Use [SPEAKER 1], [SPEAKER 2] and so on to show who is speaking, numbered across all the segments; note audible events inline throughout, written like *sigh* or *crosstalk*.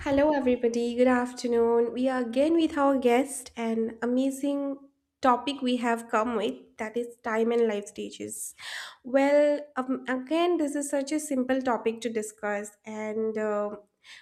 [SPEAKER 1] Hello, everybody. Good afternoon. We are again with our guest and amazing topic we have come with, that is time and life stages. Well, again, this is such a simple topic to discuss, and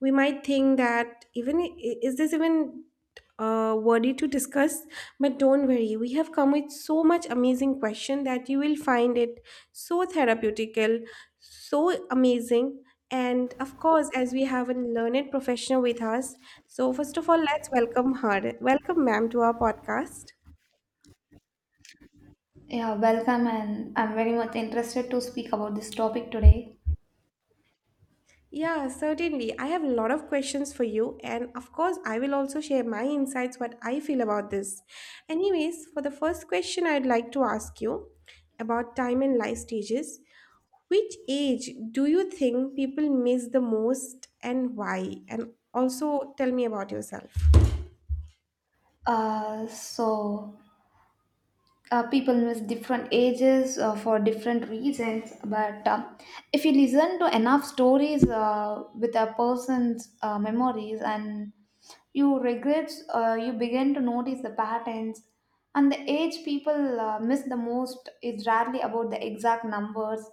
[SPEAKER 1] we might think that is this even worthy to discuss? But don't worry, we have come with so much amazing question that you will find it so therapeutical, so amazing, and of course, as we have a learned professional with us, so first of all, let's welcome her. Welcome, ma'am, to our podcast.
[SPEAKER 2] Yeah, welcome, and I'm very much interested to speak about this topic today.
[SPEAKER 1] Yeah, certainly. I have a lot of questions for you, and of course, I will also share my insights, what I feel about this. Anyways, for the first question, I'd like to ask you about time and life stages. Which age do you think people miss the most, and why? And also, tell me about yourself.
[SPEAKER 2] Uh, so, People with different ages for different reasons but if you listen to enough stories with a person's memories and you regrets, you begin to notice the patterns, and the age people miss the most is rarely about the exact numbers,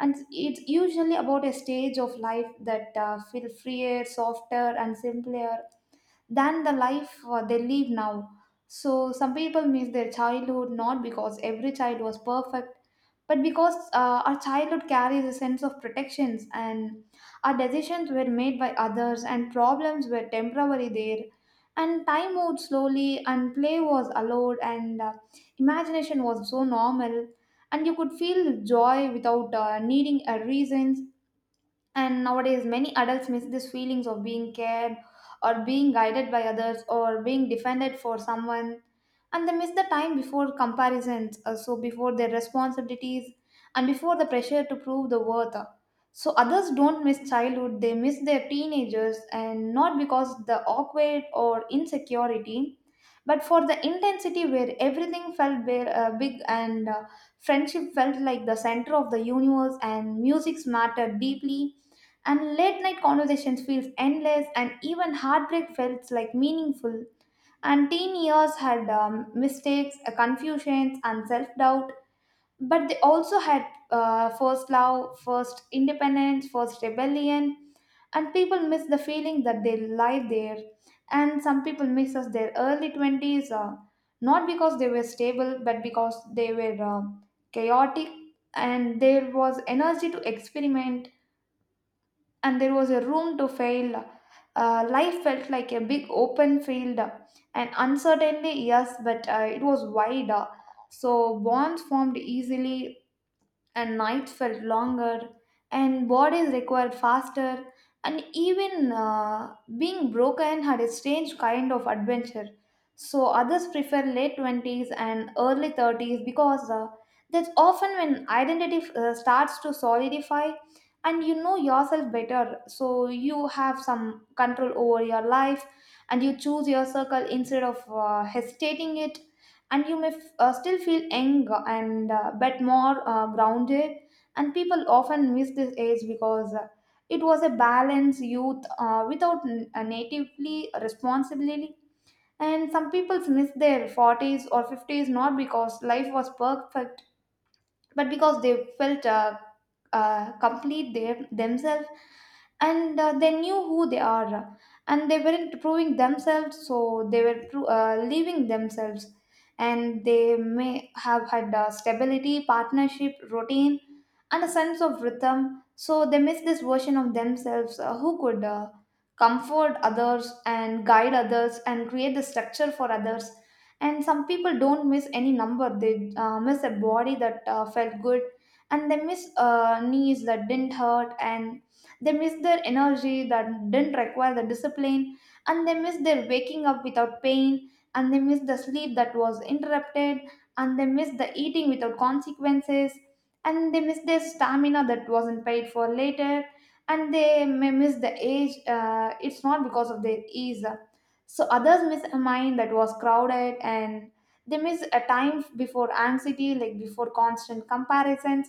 [SPEAKER 2] and it's usually about a stage of life that feel freer, softer and simpler than the life they live now. So some people miss their childhood not because every child was perfect, but because our childhood carries a sense of protections, and our decisions were made by others, and problems were temporary there. And time moved slowly, and play was allowed, and imagination was so normal, and you could feel joy without needing a reasons. And nowadays, many adults miss these feelings of being cared, or being guided by others, or being defended for someone. And they miss the time before comparisons, so before their responsibilities and before the pressure to prove the worth. So others don't miss childhood, they miss their teenagers, and not because the awkward or insecurity, but for the intensity where everything felt bare, big, and friendship felt like the center of the universe, and music mattered deeply, and late night conversations feels endless, and even heartbreak felt like meaningful. And teen years had mistakes, confusions and self-doubt, but they also had first love, first independence, first rebellion, and people miss the feeling that they lie there. And some people miss us their early 20s, not because they were stable but because they were chaotic, and there was energy to experiment, and there was a room to fail. Life felt like a big open field, and uncertainly, yes, but it was wide. So bonds formed easily, and nights felt longer, and bodies required faster, and even being broken had a strange kind of adventure. So others prefer late 20s and early 30s, because that's often when identity starts to solidify, and you know yourself better. So you have some control over your life, and you choose your circle instead of hesitating it, and you may still feel young, and but more grounded. And people often miss this age because it was a balanced youth without natively responsibility. And some people miss their 40s or 50s not because life was perfect, but because they felt complete themselves, and they knew who they are, and they weren't proving themselves, so they were leaving themselves. And they may have had stability, partnership, routine and a sense of rhythm, so they missed this version of themselves, who could comfort others, and guide others, and create the structure for others. And some people don't miss any number, they miss a body that felt good, and they miss knees that didn't hurt, and they miss their energy that didn't require the discipline, and they miss their waking up without pain, and they miss the sleep that was interrupted, and they miss the eating without consequences, and they miss their stamina that wasn't paid for later. And they may miss the age, it's not because of their ease. So others miss a mind that was crowded, and they miss a time before anxiety, like before constant comparisons,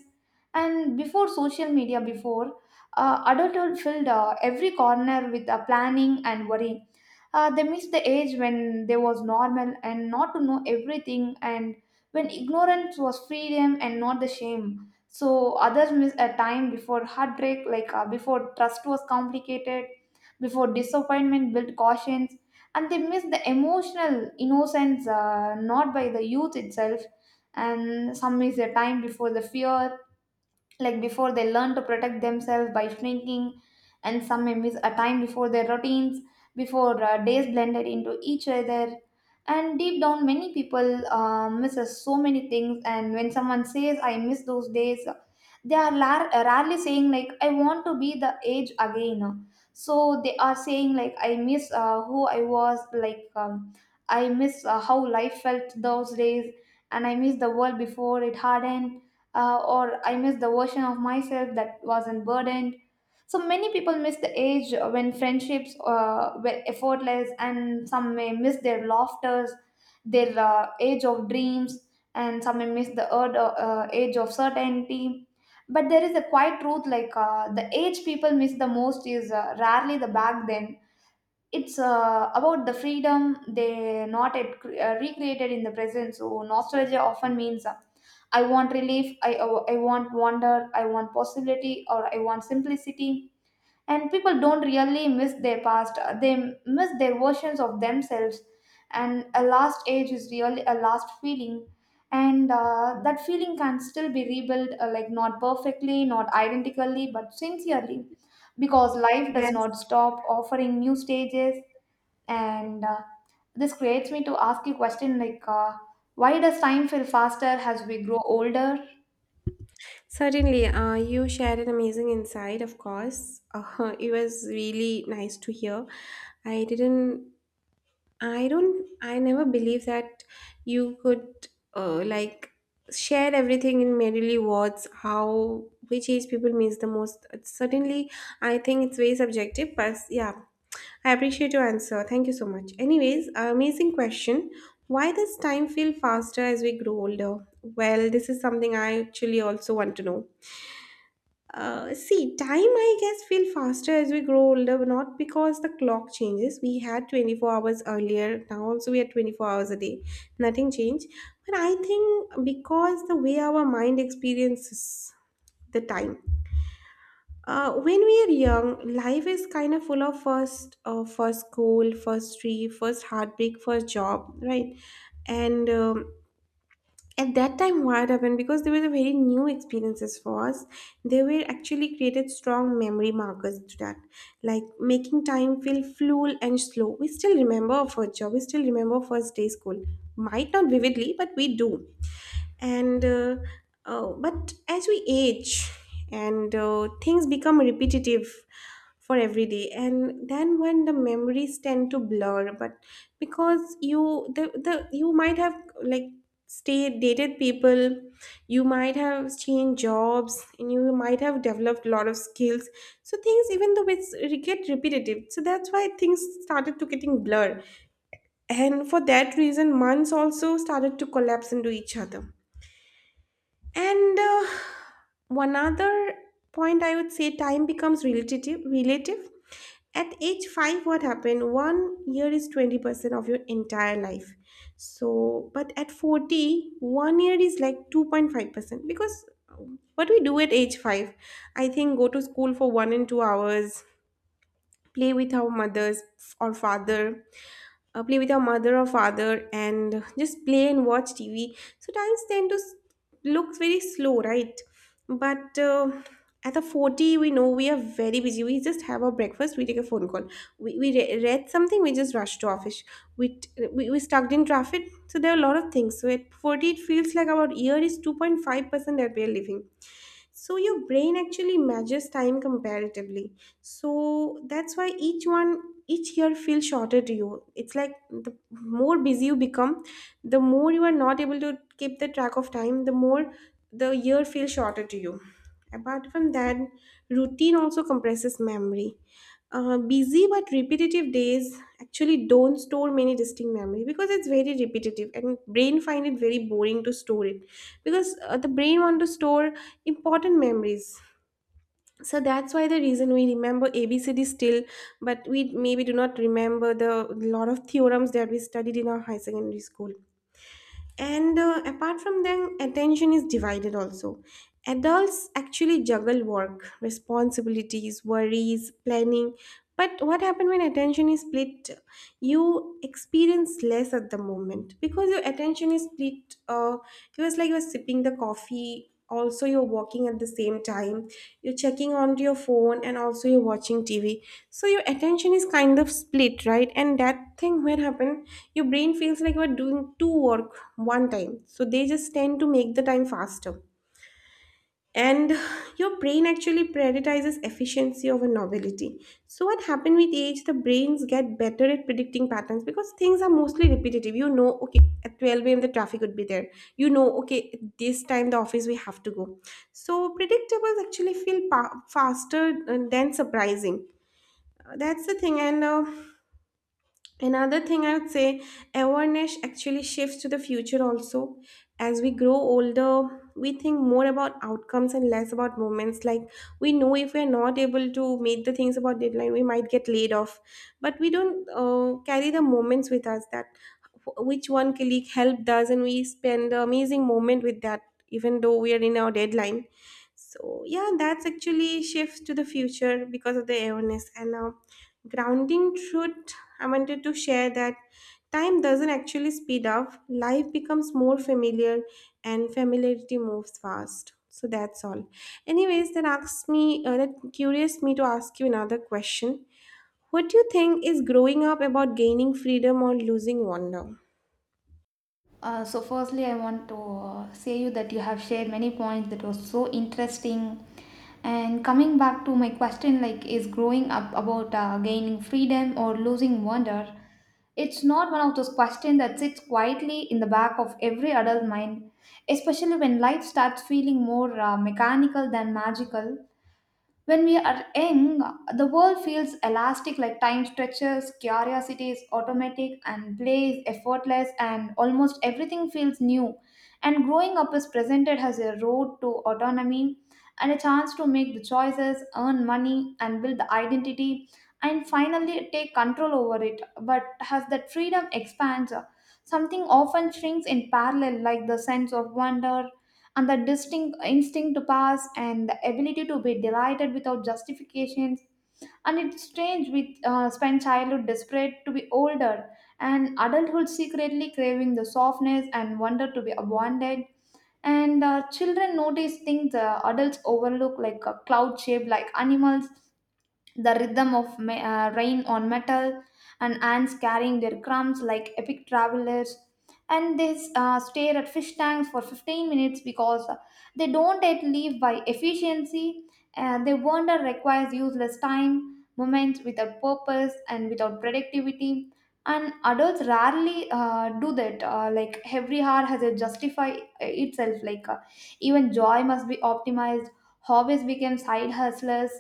[SPEAKER 2] and before social media, before adulthood filled every corner with planning and worry. They miss the age when they was normal and not to know everything, and when ignorance was freedom and not the shame. So others miss a time before heartbreak, like before trust was complicated, before disappointment built cautions, and they miss the emotional innocence, not by the youth itself. And some miss the time before the fear, like before they learn to protect themselves by shrinking. And some may miss a time before their routines, before days blended into each other. And deep down, many people misses so many things, and when someone says I miss those days, they are rarely saying like I want to be the age again. So they are saying like I miss who I was, like I miss how life felt those days, and I miss the world before it hardened, or I miss the version of myself that wasn't burdened. So many people miss the age when friendships were effortless, and some may miss their laughters, their age of dreams, and some may miss the age of certainty. But there is a quiet truth, like the age people miss the most is rarely the back then, it's about the freedom they not at, recreated in the present. So nostalgia often means I want relief, I want wonder, I want possibility, or I want simplicity. And people don't really miss their past, they miss their versions of themselves, and a last age is really a last feeling, and that feeling can still be rebuilt, like not perfectly, not identically, but sincerely, because life does
[SPEAKER 1] Yes.
[SPEAKER 2] not stop offering new stages. And this creates me to ask you a question, like why does time feel faster as we grow older?
[SPEAKER 1] Certainly, you shared an amazing insight, of course. *laughs* It was really nice to hear. I didn't, I don't, I never believed that you could uh, like share everything in merely words, how, which age people means the most. It's certainly, I think it's very subjective, but yeah, I appreciate your answer. Thank you so much. Anyways, amazing question. Why does time feel faster as we grow older? Well, this is something I actually also want to know. See, time I guess feel faster as we grow older, but not because the clock changes. We had 24 hours earlier, now also we are 24 hours a day. Nothing changed. But I think because the way our mind experiences the time. When we are young, life is kind of full of first, first school, first tree, first heartbreak, first job, right? And At that time what happened, because they were the very new experiences for us, they were actually created strong memory markers to that, like making time feel fluid and slow. We still remember our first job, we still remember first day school, might not vividly but we do. And But as we age and things become repetitive for every day, and then when the memories tend to blur. But because you the you might have like stayed dated people, you might have changed jobs, and you might have developed a lot of skills, so things even though it get repetitive, so that's why things started to getting blur, and for that reason months also started to collapse into each other. And One other point I would say, time becomes relative. At age 5, what happened? One year is 20% of your entire life. So, but at 40, one year is like 2.5%, because what we do at age 5, I think, go to school for 1 and 2 hours, play with our mothers or father, play with our mother or father and just play and watch tv, so times tend look very slow, right? But at the 40 we know we are very busy, we just have our breakfast, we take a phone call, read something, we just rush to office, we, t- we stuck in traffic, so there are a lot of things, so at 40 it feels like our year is 2.5% that we are living. So your brain actually measures time comparatively, so that's why each year feels shorter to you. It's like the more busy you become, the more you are not able to keep the track of time, the more the year feels shorter to you. Apart from that, routine also compresses memory. Busy but repetitive days actually don't store many distinct memory because it's very repetitive, and brain find it very boring to store it, because the brain want to store important memories. So that's why the reason we remember abcd still, but we maybe do not remember the lot of theorems that we studied in our high secondary school. And Apart from them, attention is divided also. Adults actually juggle work, responsibilities, worries, planning, but what happens when attention is split? You experience less at the moment because your attention is split. It was like you're sipping the coffee also, you're working at the same time, you're checking on your phone and also you're watching tv, so your attention is kind of split, right? And that thing when happen, your brain feels like you're doing two work one time, so they just tend to make the time faster. And your brain actually prioritizes efficiency over novelty. So what happened with age, the brains get better at predicting patterns because things are mostly repetitive. You know, okay, at 12 a.m the traffic would be there, you know, okay, at this time the office we have to go. So predictables actually feel faster than surprising. That's the thing. And Another thing I would say, awareness actually shifts to the future also. As we grow older, we think more about outcomes and less about moments. Like we know if we're not able to meet the things about deadline, we might get laid off. But we don't carry the moments with us, that which one colleague helped us, and we spend the amazing moment with that, even though we are in our deadline. So yeah, that's actually shifts to the future because of the awareness. And. Grounding truth, I wanted to share that time doesn't actually speed up, life becomes more familiar, and familiarity moves fast. So that's all. Anyways, that asks me, that curious me to ask you another question. What do you think, is growing up about gaining freedom or losing wonder?
[SPEAKER 2] So firstly I want to say you that you have shared many points that was so interesting. And coming back to my question, like, is growing up about gaining freedom or losing wonder? It's not one of those questions that sits quietly in the back of every adult mind, especially when life starts feeling more mechanical than magical. When we are young, the world feels elastic, like time stretches, curiosity is automatic, and play is effortless, and almost everything feels new. And growing up is presented as a road to autonomy, and a chance to make the choices, earn money, and build the identity, and finally take control over it. But as that freedom expands, something often shrinks in parallel, like the sense of wonder, and the distinct instinct to pass, and the ability to be delighted without justifications. And it's strange, we spend childhood desperate to be older, and adulthood secretly craving the softness and wonder to be abandoned. And children notice things adults overlook, like a cloud shaped like animals, the rhythm of rain on metal, and ants carrying their crumbs like epic travelers. And they stare at fish tanks for 15 minutes because they don't yet live by efficiency, and their wonder requires useless time moments without purpose and without productivity. And adults rarely do that, like every hour has a justify itself, like even joy must be optimized. Hobbies become side hustlers,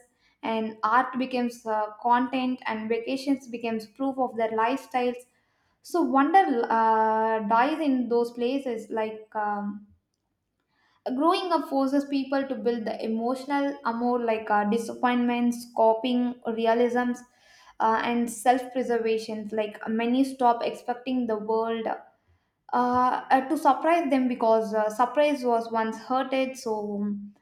[SPEAKER 2] and art becomes content, and vacations becomes proof of their lifestyles. So wonder dies in those places, like growing up forces people to build the emotional amour, like disappointments, coping realisms, and self preservation, like many stop expecting the world to surprise them, because surprise was once hurted. So,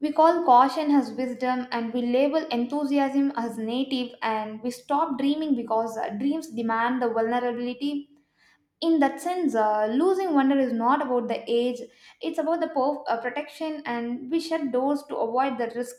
[SPEAKER 2] we call caution as wisdom, and we label enthusiasm as native, and we stop dreaming because dreams demand the vulnerability. In that sense, losing wonder is not about the age, it's about the protection, and we shut doors to avoid the risk.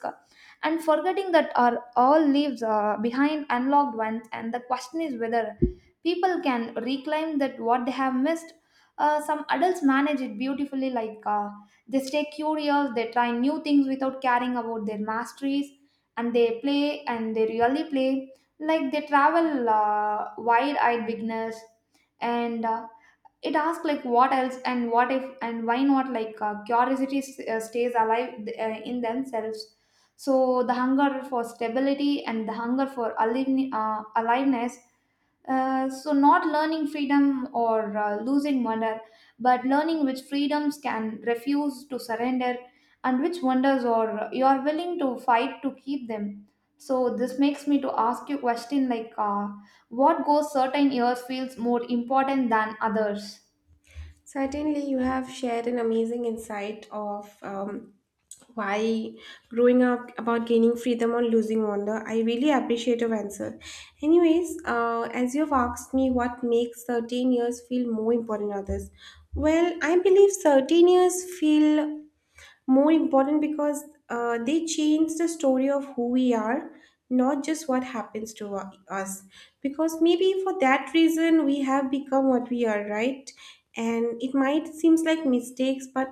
[SPEAKER 2] And forgetting that our all leaves behind unlocked ones, and the question is whether people can reclaim that what they have missed. Some adults manage it beautifully, like they stay curious, they try new things without caring about their masteries, and they play and they really play. Like they travel wide eyed beginners, and it asks like what else, and what if, and why not, like curiosity stays alive in themselves. So the hunger for stability and the hunger for aliveness, so not learning freedom or losing wonder, but learning which freedoms can refuse to surrender, and which wonders or you are willing to fight to keep them. So this makes me to ask you question, like what goes certain years feels more important than others.
[SPEAKER 1] Certainly, you have shared an amazing insight of why growing up about gaining freedom or losing wonder. I really appreciate your answer. Anyways, as you've asked me what makes 13 years feel more important than others, well, I believe 13 years feel more important because they change the story of who we are, not just what happens to us, because maybe for that reason we have become what we are, right? And it might seems like mistakes, but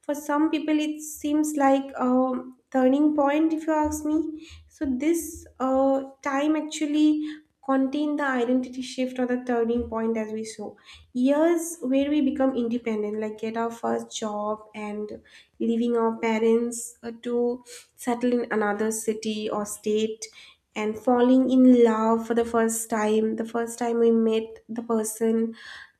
[SPEAKER 1] for some people it seems like a turning point, if you ask me. So this time actually contain the identity shift or the turning point, as we saw, years where we become independent, like get our first job and leaving our parents to settle in another city or state, and falling in love for the first time, the first time we met the person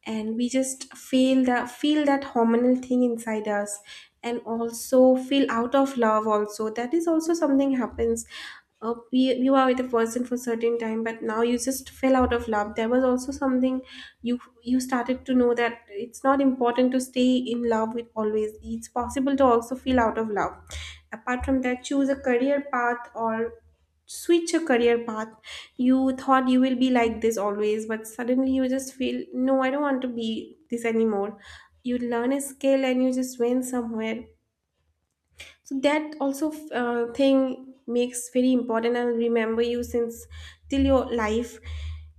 [SPEAKER 1] and we just feel that hormonal thing inside us, and also feel out of love also, that is also something happens. You are with a person for certain time but now you just fell out of love, there was also something, you started to know that it's not important to stay in love with always, it's possible to also feel out of love. Apart from that, choose a career path or switch a career path, you thought you will be like this always but suddenly you just feel no, I don't want to be this anymore, you learn a skill and you just went somewhere. So that also thing makes very important. I'll remember you since till your life,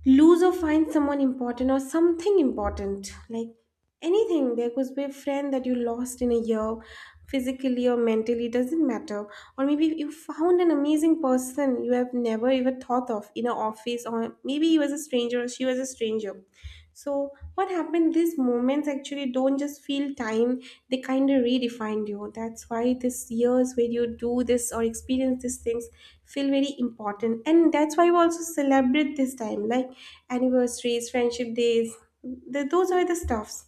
[SPEAKER 1] lose or find someone important or something important, like anything, there could be a friend that you lost in a year, physically or mentally, doesn't matter. Or maybe you found an amazing person you have never even thought of in an office, or maybe he was a stranger or she was a stranger. So what happened? These moments actually don't just feel time; they kind of redefine you. That's why these years where you do this or experience these things feel very important, and that's why we also celebrate this time, like anniversaries, friendship days. Th Those are the stuffs.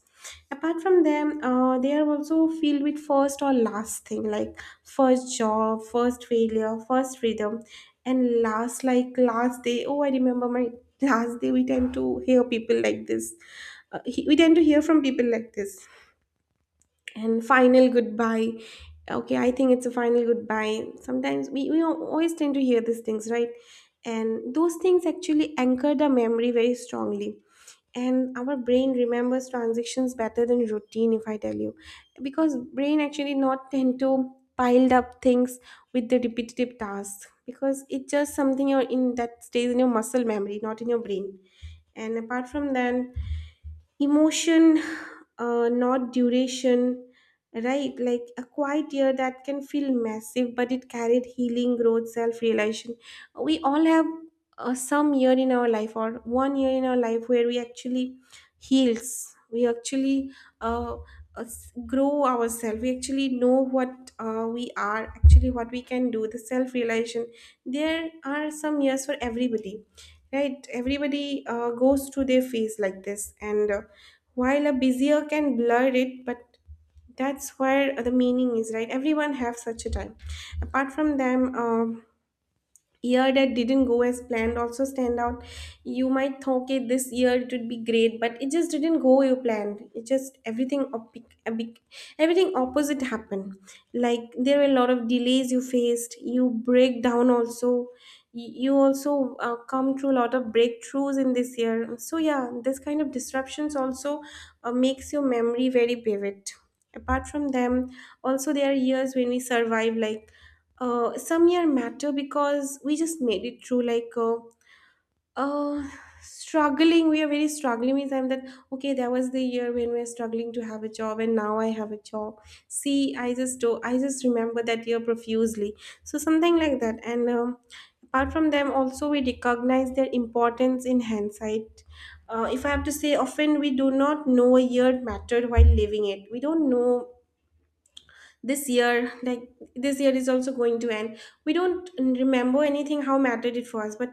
[SPEAKER 1] Apart from them, they are also filled with first or last thing, like first job, first failure, first freedom, and last, like last day. Oh, I remember my last day, we tend to hear people like this, we tend to hear from people like this, and final goodbye. Okay, I think it's a final goodbye, sometimes we always tend to hear these things, right? And those things actually anchor the memory very strongly, and our brain remembers transactions better than routine, if I tell you, because brain actually not tend to piled up things with the repetitive tasks, because it's just something you're in that stays in your muscle memory, not in your brain. And apart from that, emotion, not duration, right? Like a quiet year that can feel massive but it carried healing, growth, self-realization. We all have some year in our life or one year in our life where we actually heals, we actually uh, grow ourselves, we actually know what we are actually, what we can do, the self-realization. There are some years for everybody, right? Everybody goes through their phase like this. And While a busier can blur it, but that's where the meaning is, right? Everyone have such a time. Apart from them, year that didn't go as planned also stand out. You might think okay, this year it would be great, but it just didn't go, you planned it, just everything op- a big- everything opposite happened, like there were a lot of delays you faced, you break down also. You also come through a lot of breakthroughs in this year, so yeah, this kind of disruptions also makes your memory very vivid. Apart from them, also there are years when we survive, like some year matter because we just made it through, like uh, struggling, we are very struggling means I'm that, okay, there was the year when we are struggling to have a job and now I have a job. See, I just do, I just remember that year profusely. So something like that. And Apart from them also, we recognize their importance in hindsight. If I have to say, often we do not know a year mattered while living it, we don't know this year, like this year is also going to end, we don't remember anything how mattered it was. But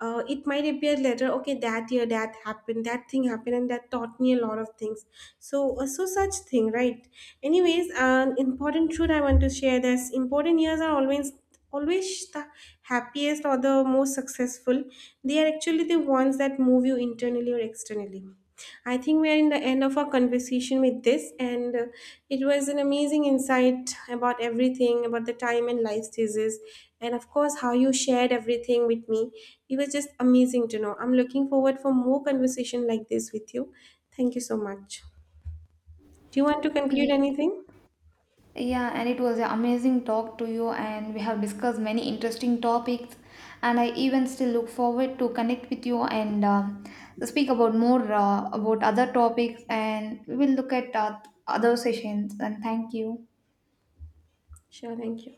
[SPEAKER 1] it might appear later, okay, that year that happened, that thing happened, and that taught me a lot of things. So so such thing, right? Anyways, an important truth I want to share, this important years are always the happiest or the most successful, they are actually the ones that move you internally or externally. I think we are in the end of our conversation with this, and it was an amazing insight about everything about the time and life stages, and of course, how you shared everything with me. It was just amazing to know. I'm looking forward for more conversation like this with you. Thank you so much. Do you want to conclude
[SPEAKER 2] Ye-
[SPEAKER 1] anything?
[SPEAKER 2] Yeah, and it was an amazing talk to you, and we have discussed many interesting topics. And I even still look forward to connect with you, and speak about more about other topics. And we will look at other sessions. And thank you.
[SPEAKER 1] Sure, thank you.